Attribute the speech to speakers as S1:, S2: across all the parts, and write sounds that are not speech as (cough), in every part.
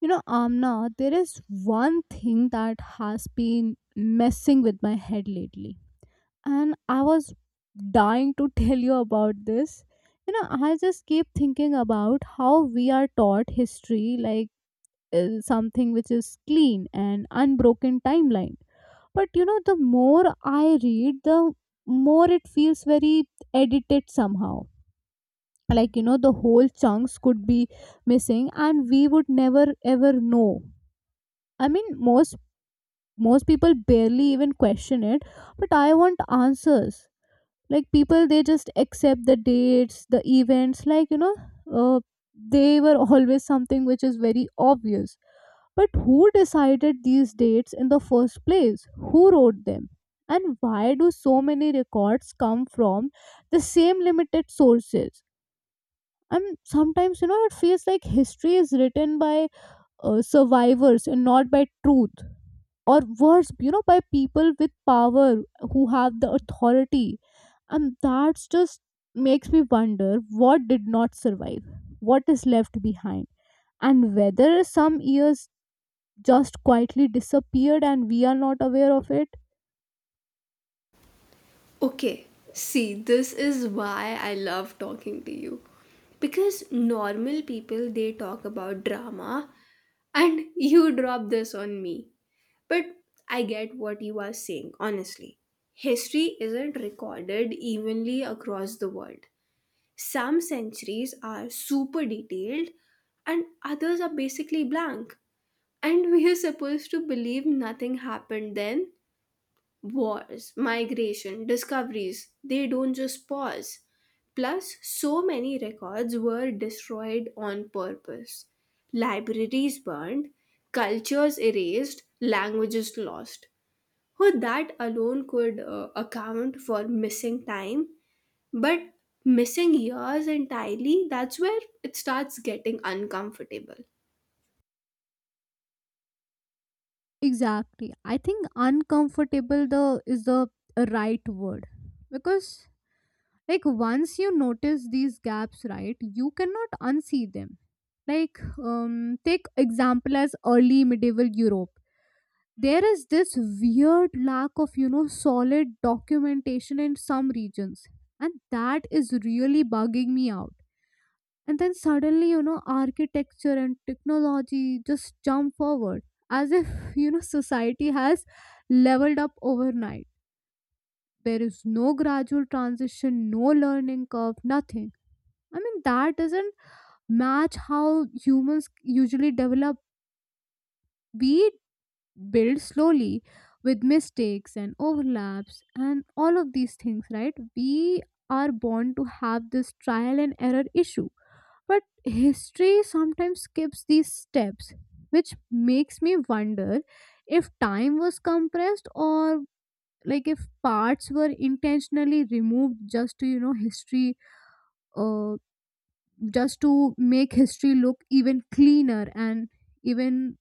S1: Amna, there is one thing that has been messing with my head lately. And I was dying to (laughs) tell you about this. I just keep thinking about how we are taught history, like something which is clean and unbroken timeline. But the more I read, the more it feels very edited somehow. Like, the whole chunks could be missing and we would never ever know. I mean, most people barely even question it, but I want answers. Like, people, they just accept the dates, the events, like uh, they were (laughs) always something which is very obvious. But who decided these dates in the first place? Who wrote them? And why do so many records come from the same limited sources? And sometimes it feels like history is written by survivors and not by truth. Or worse, by people with power, who have the authority. And that's just makes me wonder what did not survive, what is left behind, and whether some years just quietly disappeared and we are not aware of it.
S2: Okay, see, this is why I love talking to you. Because normal people they talk about drama and (laughs) you drop this on me. But I get what you are saying, honestly. History isn't recorded evenly across the world. Some centuries are super detailed and others are basically blank. And (laughs) we are supposed to believe nothing happened then. Wars, migration, discoveries, they don't just pause. Plus, so many records were destroyed on purpose. Libraries burned, cultures erased, languages lost. So that alone could account for missing time. But missing years entirely, that's where it starts getting uncomfortable.
S1: Exactly. I think uncomfortable the is the right word. Because, like, once you notice these gaps, right, you cannot unsee them. Like, take example as early medieval Europe. There is this weird lack of solid documentation in some regions, and that is really bugging me out. And then suddenly, architecture and technology just jump forward, as if (laughs) society has leveled up overnight. There is no gradual transition, no learning curve, nothing. I mean, that doesn't match how humans usually develop. We build slowly, with mistakes and overlaps and all of these things, right? We are born to have this trial and error issue. But history sometimes skips these steps, which makes me wonder if time was compressed, or like, if parts were intentionally removed uh, just to make history look even cleaner and even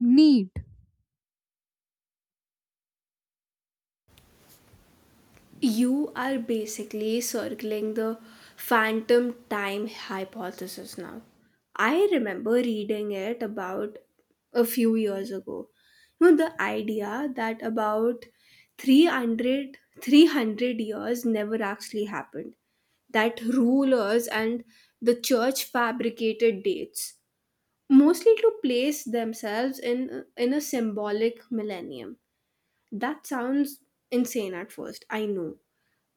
S1: neat.
S2: You are basically circling the phantom time hypothesis now. I remember reading it about a few years ago. You know, the idea that about three hundred years never actually happened, that rulers and the church fabricated dates, mostly to place themselves in a symbolic millennium. That sounds insane at first, I know,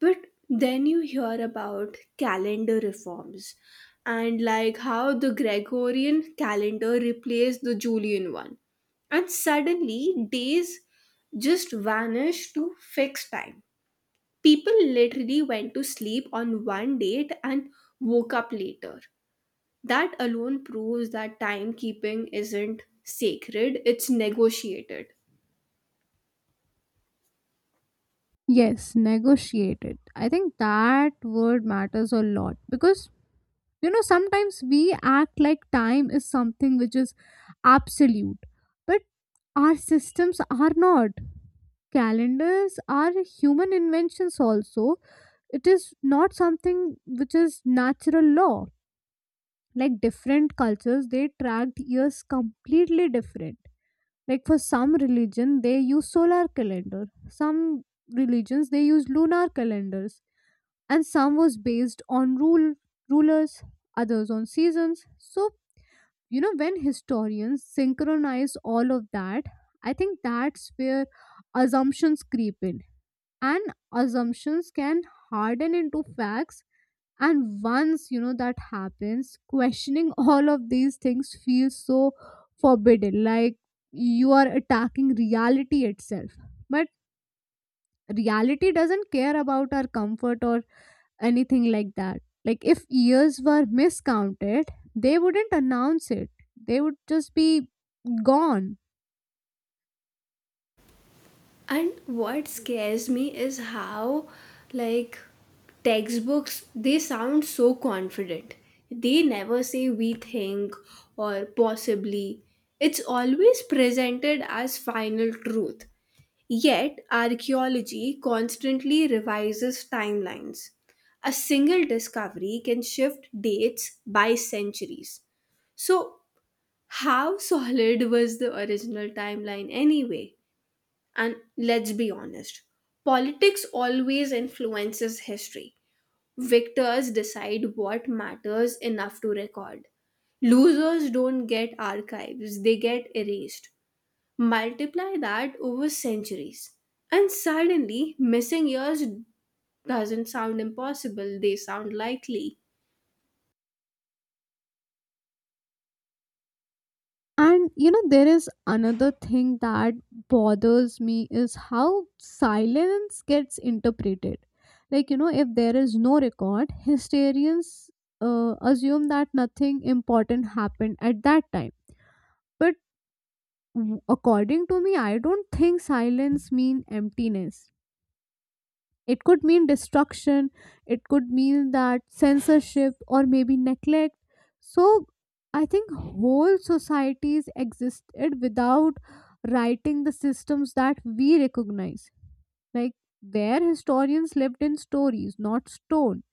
S2: but then you hear about calendar reforms and like how the Gregorian calendar replaced the Julian one. And suddenly days just vanished to fixed time. People literally went to sleep on one date and woke up later. That alone proves that timekeeping isn't sacred, it's negotiated.
S1: Yes, negotiate it. I think that word matters a lot, because sometimes we act like time is something which is absolute, but our systems are not. Calendars are human inventions also. It is not something which is natural law. Like, different cultures, they tracked years completely different, like for some religion they use solar calendar, some religions they use lunar calendars, and some was based on rulers, others on seasons. So when historians synchronize all of that, I think that's where assumptions creep in, and assumptions can harden into facts. And once that happens, questioning (laughs) all of these things feels so forbidden, like you are attacking reality itself. But reality doesn't care about our comfort or anything like that. Like, if years were miscounted, they wouldn't announce it, they would just be gone.
S2: And what scares me is how, like, textbooks, they sound so confident. They never say we think or possibly. It's always presented as final truth. Yet, archaeology constantly revises timelines. A single discovery can shift dates by centuries. So, how solid was the original timeline anyway? And let's be honest, politics always influences history. Victors decide what matters enough to record. Losers don't get archives, they get erased. Multiply that over centuries. And suddenly, missing years doesn't sound impossible, they sound likely.
S1: And there is another thing that bothers me is how silence gets interpreted. Like, if there is no record, hysterians assume that nothing important happened at that time. But according to me, I don't think silence means emptiness. It could mean destruction, it could mean that censorship, or maybe neglect. So I think whole societies existed without writing the systems that we recognize. Like, where historians lived in stories, not stone.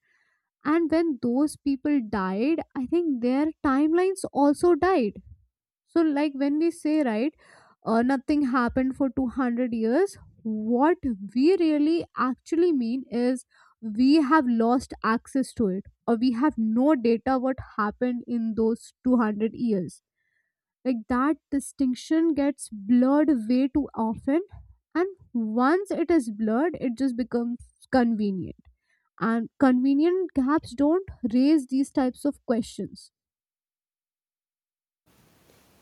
S1: And when those people died, I think their timelines also died. So, like, when we say, right, nothing happened for 200 years, what we really actually mean is we have lost access to it, or we have no data what happened in those 200 years. Like, that distinction gets blurred way too often. And once it is blurred, it just becomes convenient. And convenient gaps don't raise these types of questions.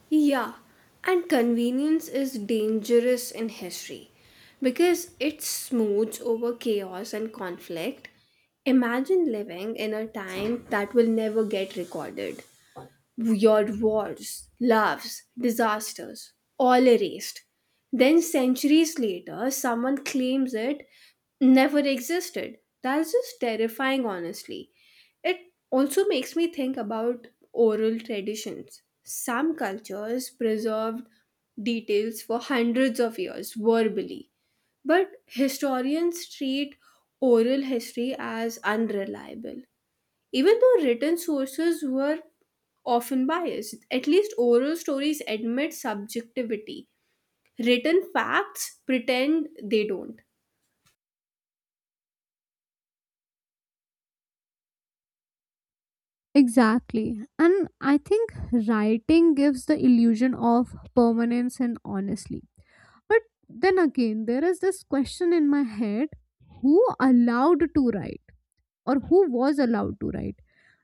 S2: Yeah, and convenience is dangerous in history because it smooths over chaos and conflict. Imagine living in a time that will never get recorded. Your wars, loves, disasters, all erased. Then, centuries later, someone claims it never existed. That's just terrifying, honestly. It also makes me think about oral traditions. Some cultures preserved details for hundreds of years verbally, but historians treat oral history as unreliable. Even though written sources were often biased, at least oral stories admit subjectivity. Written facts pretend they don't.
S1: Exactly. And I think writing gives the illusion of permanence and honestly. But then again, there is this question in my head: who allowed to write, or who was allowed to write?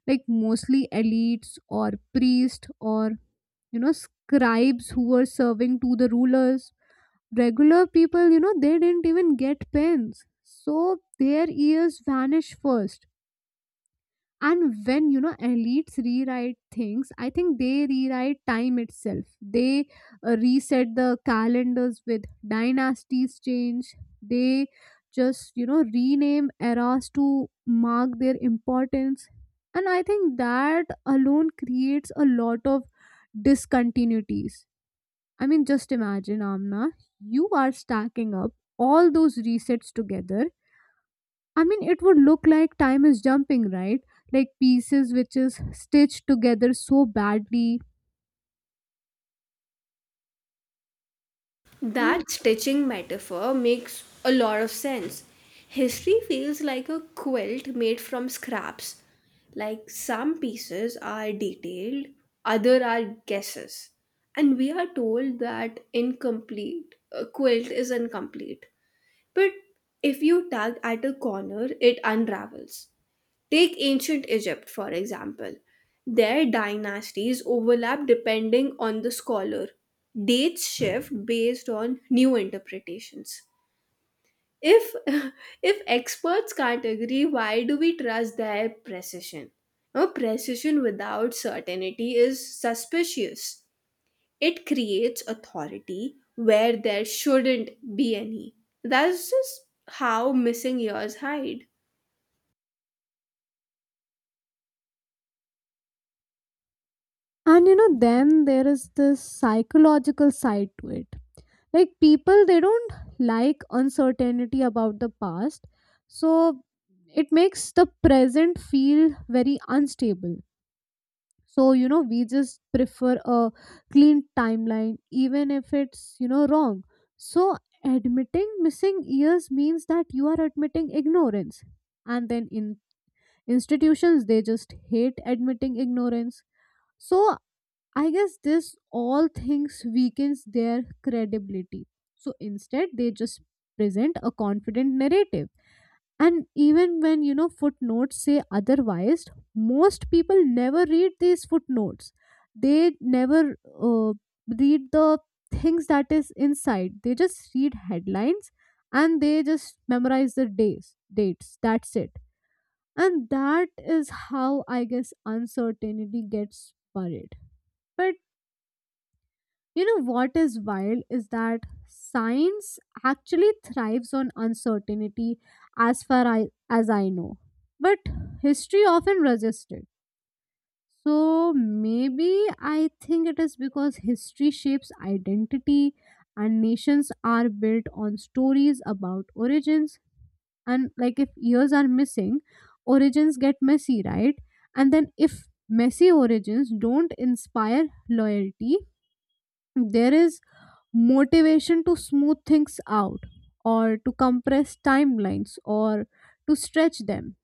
S1: Like, mostly elites, or priests, or scribes who were serving to the rulers. Regular people, they didn't even get pens. So their ears vanish first, and when elites rewrite things, I think they rewrite time itself. They reset the calendars with dynasties change. They just rename eras to mark their importance, and I think that alone creates a lot of discontinuities. I mean, just imagine, Amna, you are stacking up all those resets together. I mean, it would look like time is jumping, right? Like pieces which is stitched together so badly.
S2: That
S1: And
S2: stitching metaphor makes a lot of sense. History feels like a quilt made from scraps. Like some pieces are detailed, other are guesses. And we are told that incomplete a quilt is incomplete. But if you tug at a corner, it unravels. Take ancient Egypt, for example. Their dynasties overlap depending on the scholar. Dates shift based on new interpretations. If, (laughs) if experts can't agree, why do we trust their precision? Now, precision without certainty is suspicious. It creates authority where there shouldn't be any. That's just how missing years hide.
S1: and then there is this psychological side to it. Like, people, they don't like uncertainty about the past. So it makes the present feel very unstable. So we just prefer a clean timeline, even if it's wrong. So admitting missing years means that you are admitting ignorance, and then in institutions, they just hate admitting ignorance. So I guess this all things weakens their credibility. So instead they just present a confident narrative. And even when footnotes say otherwise, most people never read these footnotes. They never uh, read the things that is inside, they just read headlines. And they just memorize the days, dates, that's it. And that is how I guess uncertainty gets buried. But what is wild is that science actually thrives on uncertainty, as I know. But history often resists it. So maybe I think it is because history shapes identity, and nations are built on stories about origins. And like, if years are missing, origins get messy, right? And then if messy origins don't inspire loyalty, there is motivation to smooth things out, or to compress timelines, or to stretch them.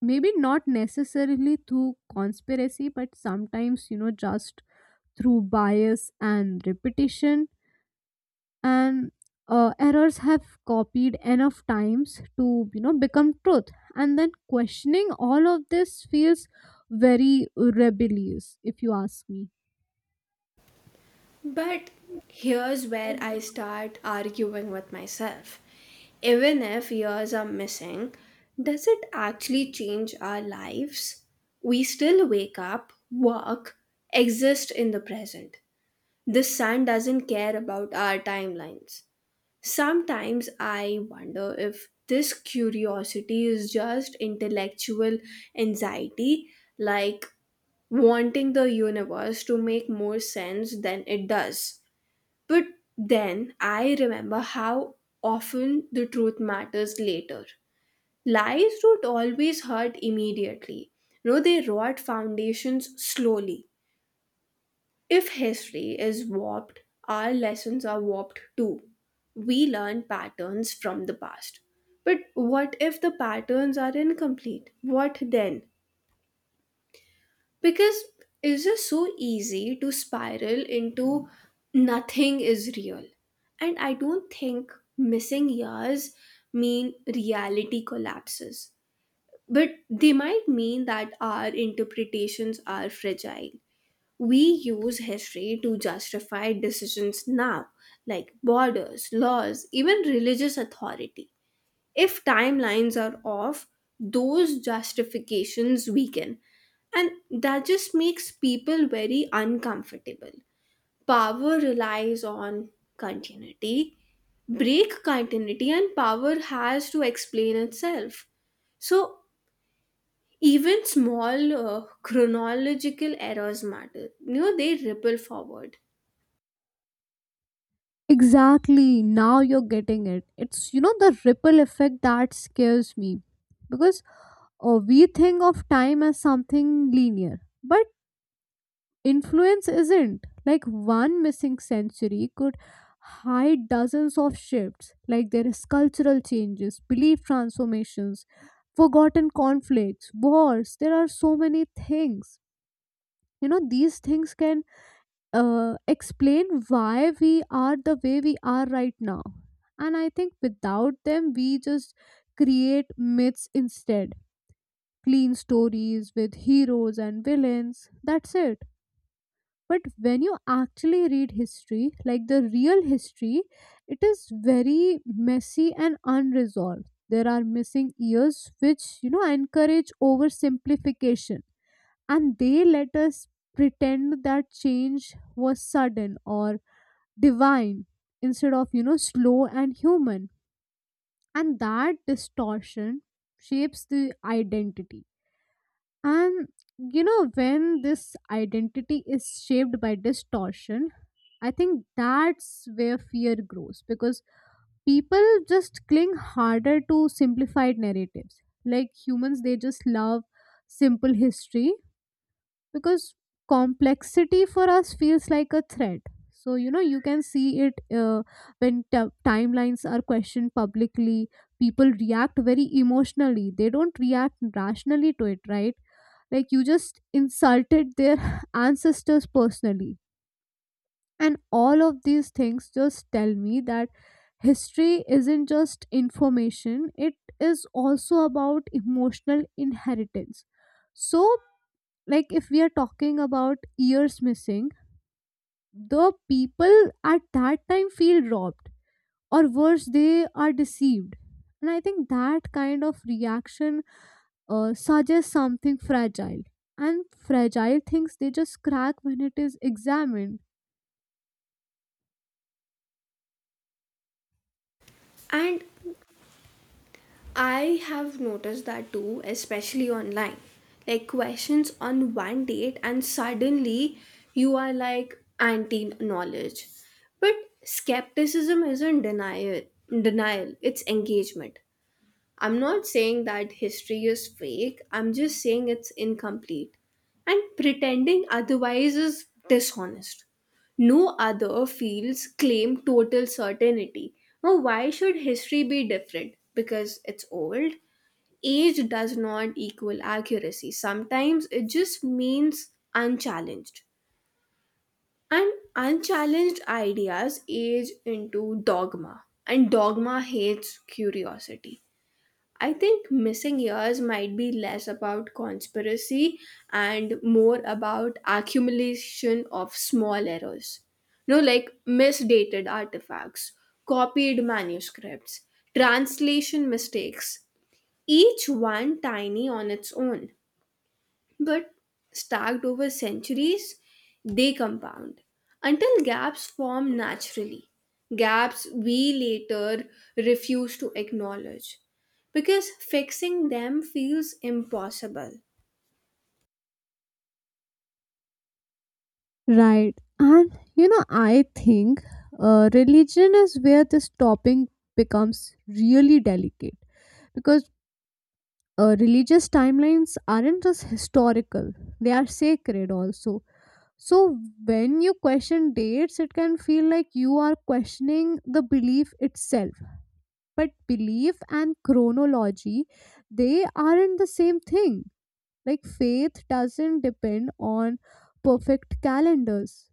S1: Maybe not necessarily through conspiracy, but sometimes just through bias and repetition. And errors have copied enough times to become truth. And then questioning all of this feels very rebellious, if you ask me.
S2: But here's where I start arguing with myself. Even if years are missing, does it actually change our lives? We still wake up, work, exist in the present. The sun doesn't care about our timelines. Sometimes I wonder if this curiosity is just intellectual anxiety, like wanting the universe to make more sense than it does. But then I remember how often the truth matters later. Lies don't always hurt immediately. No, they rot foundations slowly. If history is warped, our lessons are warped too. We learn patterns from the past. But what if the patterns are incomplete? What then? Because it's just so easy to spiral into nothing is real. And I don't think missing years mean reality collapses. But they might mean that our interpretations are fragile. We use history to justify decisions now, like borders, laws, even religious authority. If timelines are off, those justifications weaken. And that just makes people very uncomfortable. Power relies on continuity. Break continuity, and power has to explain itself. So, even small chronological errors matter. You know, they ripple forward.
S1: Exactly. Now you're getting it. It's, the ripple effect that scares me, because we think of time as something linear, but influence isn't. Like, one missing century could hide dozens of shifts. Like there is cultural changes, belief transformations, forgotten conflicts, wars. There are so many things. These things can explain why we are the way we are right now. And I think without them, we just create myths instead. Clean stories with heroes and villains. That's it. But when you actually read history, like the real history, it is very messy and unresolved. There are missing years which, encourage oversimplification. And they let us pretend that change was sudden or divine, instead of slow and human. And that distortion shapes the identity. And when this identity is shaped by distortion, I think that's where fear grows, because people just cling harder to simplified narratives. Like, humans, they just love simple history, because complexity for us feels like a threat. So you can see it when timelines are questioned publicly, people react very emotionally, they don't react rationally to it, right? Like, you just insulted their (laughs) ancestors personally. And all of these things just tell me that history isn't just information, it is also about emotional inheritance. So like, if we are talking about years missing, the people at that time feel robbed, or worse, they are deceived. And I think that kind of reaction suggests something fragile. And fragile things, they just crack when it is examined.
S2: And I have noticed that too, especially online. Like questions on one date, and suddenly you are like anti knowledge. But skepticism isn't denial, it's engagement. I'm not saying that history is fake, I'm just saying it's incomplete. And pretending otherwise is dishonest. No other fields claim total certainty. Now, why should history be different? Because it's old? Age does not equal accuracy. Sometimes it just means unchallenged. And unchallenged ideas age into dogma, and dogma hates curiosity. I think missing years might be less about conspiracy and more about accumulation of small errors. You know, like misdated artifacts, copied manuscripts, translation mistakes, each one tiny on its own, but stacked over centuries, they compound until gaps form naturally. Gaps we later refuse to acknowledge because fixing them feels impossible.
S1: Right. And I think religion is where this topping becomes really delicate, because religious timelines aren't just historical, they are sacred also. So, when you question dates, it can feel like you are questioning the belief itself. But belief and chronology, they aren't the same thing. Like, faith doesn't depend on perfect calendars.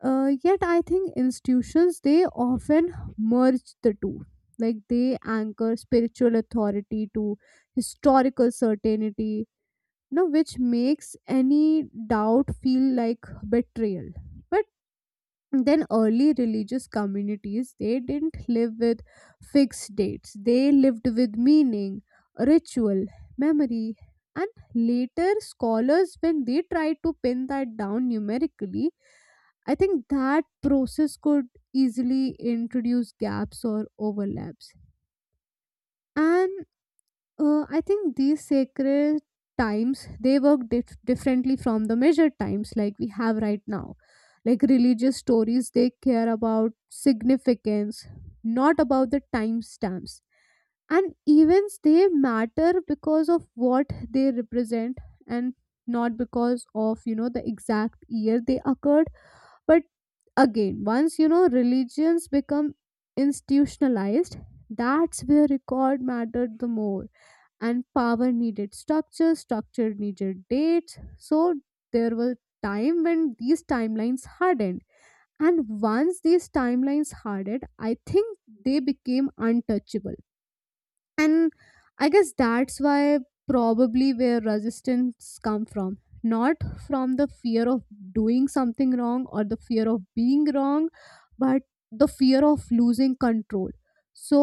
S1: Yet, I think institutions they often merge the two. Like, they anchor spiritual authority to historical certainty, know which makes any doubt feel like betrayal. But then, early religious communities, they didn't live with fixed dates, they lived with meaning, ritual, memory. And later scholars, when they tried to pin that down numerically, I think that process could easily introduce gaps or overlaps. And I think these sacred times they work differently from the measured times like we have right now. Like religious stories, they care about significance, not about the timestamps. And events they matter because of what they represent, and not because of the exact year they occurred. But again, once religions become institutionalized, that's where record mattered the more, and power needed structure, structure needed dates. So there was time when these timelines hardened. And once these timelines hardened, I think they became untouchable, and I guess that's why, probably, where resistance come from. Not from the fear of doing something wrong or the fear of being wrong, but the fear of losing control. So,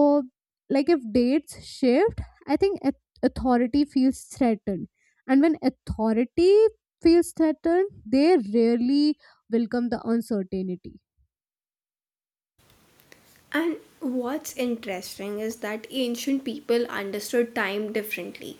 S1: like, if dates shift, I think authority feels threatened, and when authority feels threatened, they rarely welcome the uncertainty.
S2: And what's interesting is that ancient people understood time differently.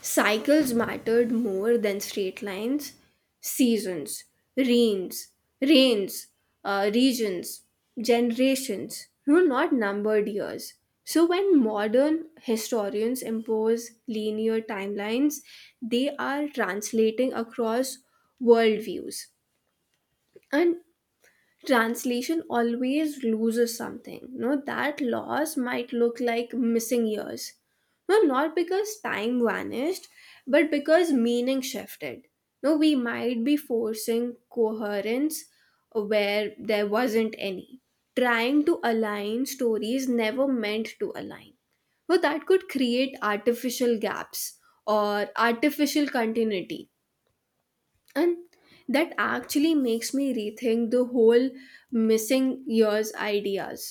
S2: Cycles mattered more than straight lines, seasons, rains, rains, regions, generations, you know, not numbered years. So when modern historians impose linear timelines, they are translating across worldviews. And translation always loses something. No, that loss might look like missing years. No, not because time vanished, but because meaning shifted. No, we might be forcing coherence where there wasn't any. Trying to align stories never meant to align. No, that could create artificial gaps or artificial continuity, and that actually makes me rethink the whole missing years ideas.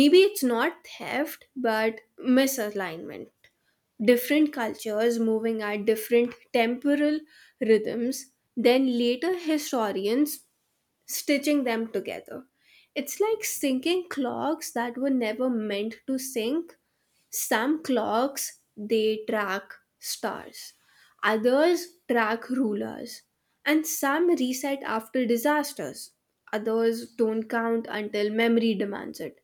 S2: Maybe it's not theft but misalignment, different cultures moving at different temporal rhythms, then later historians stitching them together. It's like syncing clocks that were never meant to sync. Some clocks they track stars, others track rulers, and some reset after disasters. Others don't count until memory demands it.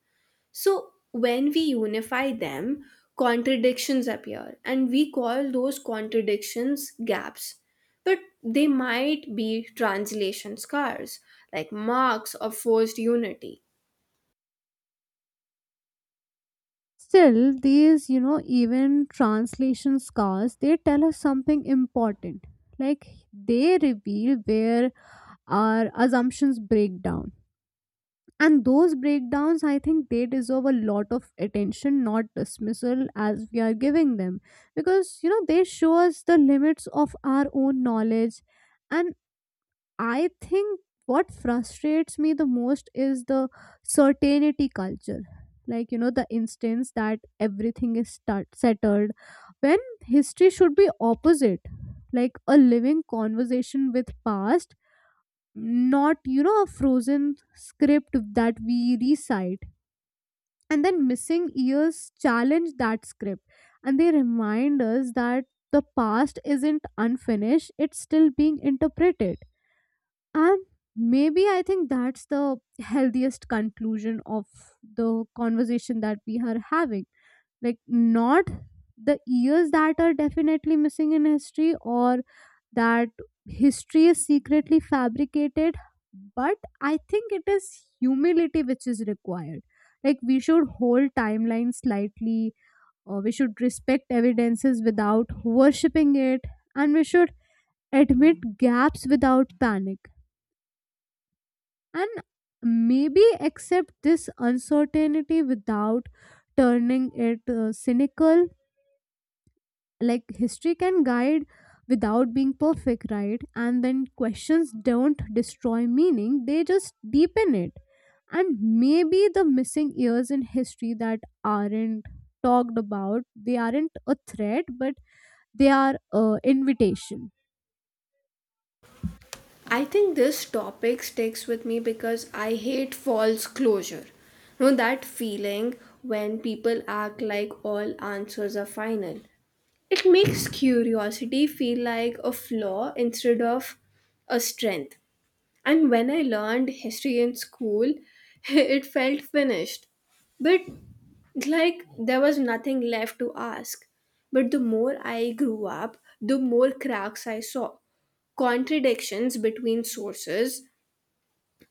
S2: So when we unify them, contradictions appear, and we call those contradictions gaps. But they might be translation scars, like marks of forced unity.
S1: Still, these, you know, even translation scars, they tell us something important. Like, they reveal where our assumptions break down. And those breakdowns, I think, they deserve a lot of attention, not dismissal as we are giving them, because, you know, they show us the limits of our own knowledge. And I think what frustrates me the most is the certainty culture. Like, you know, the instance that everything is start, settled, when history should be opposite. Like a living conversation with past, not, you know, a frozen script that we recite. And then missing years challenge that script, and they remind us that the past isn't unfinished, it's still being interpreted. And maybe I think that's the healthiest conclusion of the conversation that we are having. Like, not the years that are definitely missing in history, or that history is secretly fabricated, but I think it is humility which is required. Like, we should hold timelines slightly, or we should respect evidences without worshipping it, and we should admit gaps without panic, and maybe accept this uncertainty without turning it cynical. Like history can guide without being perfect, right? And then questions don't destroy meaning, they just deepen it. And maybe the missing years in history that aren't talked about, they aren't a threat, but they are a invitation.
S2: I think this topic sticks with me because I hate false closure. You know, that feeling when people act like all answers are final. It makes curiosity feel like a flaw instead of a strength. And when I learned history in school, (laughs) it felt finished. But like there was nothing left to ask. But the more I grew up, the more cracks I saw, contradictions between sources,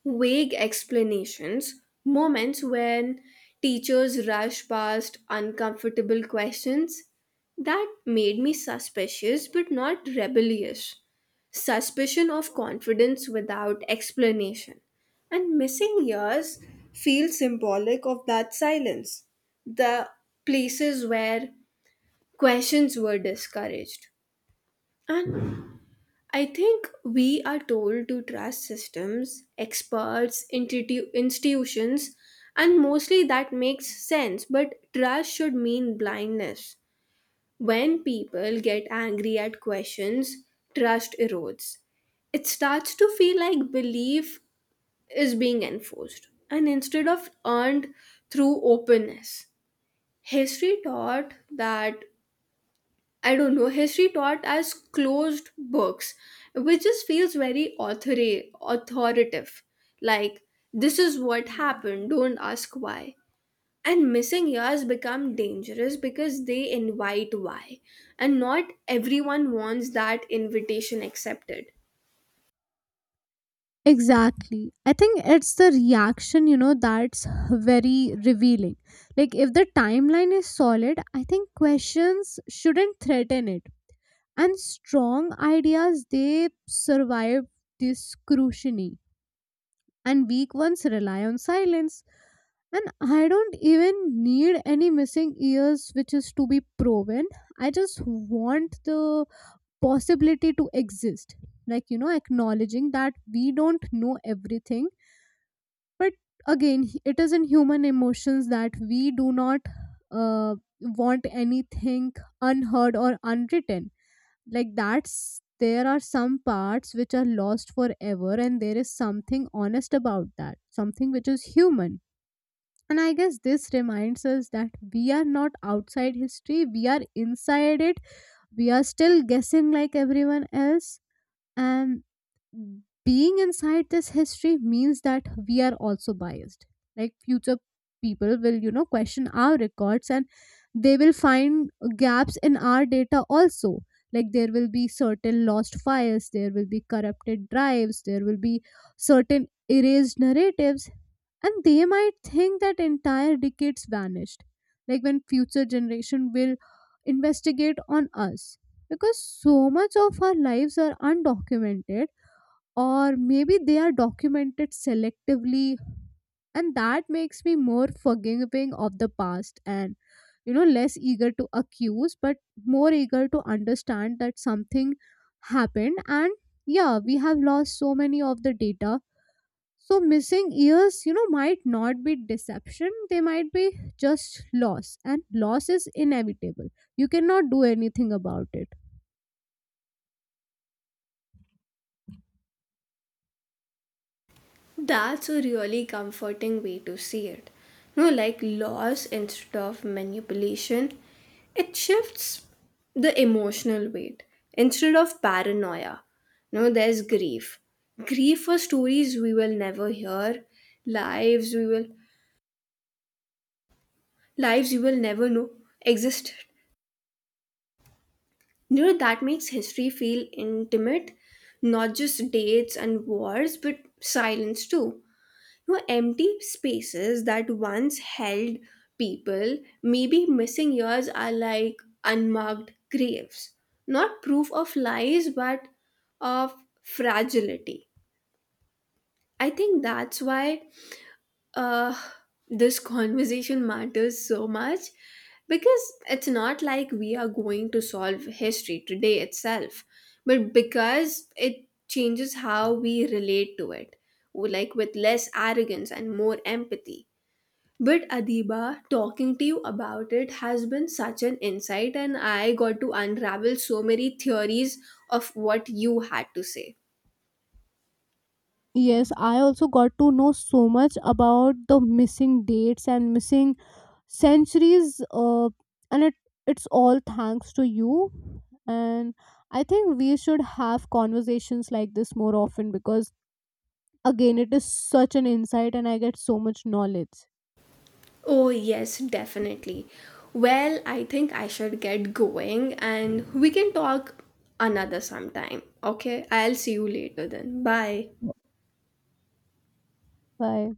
S2: vague explanations, moments when teachers rush past uncomfortable questions. That made me suspicious but not rebellious. Suspicion of confidence without explanation. And missing years feel symbolic of that silence, the places where questions were discouraged. And I think we are told to trust systems, experts, institutions, and mostly that makes sense, but trust should mean blindness. When people get angry at questions, trust erodes. It starts to feel like belief is being enforced and instead of earned through openness. History taught that, I don't know, history taught as closed books, which just feels very authoritative. Like, this is what happened, don't ask why. And missing years become dangerous because they invite why. And not everyone wants that invitation accepted.
S1: Exactly, I think it's the reaction, you know, that's very revealing. Like, if the timeline is solid, I think questions shouldn't threaten it. And strong ideas, they survive this scrutiny, and weak ones rely on silence. And I don't even need any missing ears which is to be proven. I just want the possibility to exist. Like, you know, acknowledging that we don't know everything. But again, it is in human emotions that we do not uh, want anything unheard or unwritten. Like, that's, there are some parts which are lost forever, and there is something honest about that, something which is human. And I guess this reminds us that we are not outside history, we are inside it. We are still guessing like everyone else. And being inside this history means that we are also biased. Like, future people will, you know, question our records, and they will find gaps in our data also. Like, there will be certain lost files, there will be corrupted drives, there will be certain erased narratives, and they might think that entire decades vanished, like when future generation will investigate on us, because so much of our lives are undocumented, or maybe they are documented selectively. And that makes me more forgiving of the past, and, you know, less eager to accuse, but more eager to understand that something happened. And yeah, we have lost so many of the data. So missing years, you know, might not be deception, they might be just loss. And loss is inevitable, you cannot do anything about it.
S2: That's a really comforting way to see it. No, like loss instead of manipulation, it shifts the emotional weight instead of paranoia. No, there's grief. Grief for stories we will never hear, lives we will lives you will never know existed. You know that makes history feel intimate, not just dates and wars, but silence too. No, empty spaces that once held people, maybe missing years, are like unmarked graves. Not proof of lies, but of fragility. I think that's why uh, this conversation matters so much, because it's not like we are going to solve history today itself, but because it changes how we relate to it, like with less arrogance and more empathy. But Adiba, talking to you about it has been such an insight, and I got to unravel so many theories of what you had to say.
S1: Yes, I also got to know so much about the missing dates and missing centuries, and it's all thanks to you. And I think we should have conversations like this more often, because again, it is such an insight, and I get so much knowledge.
S2: Oh, yes, definitely. Well, I think I should get going, and we can talk another sometime. Okay, I'll see you later then. Bye.
S1: Bye.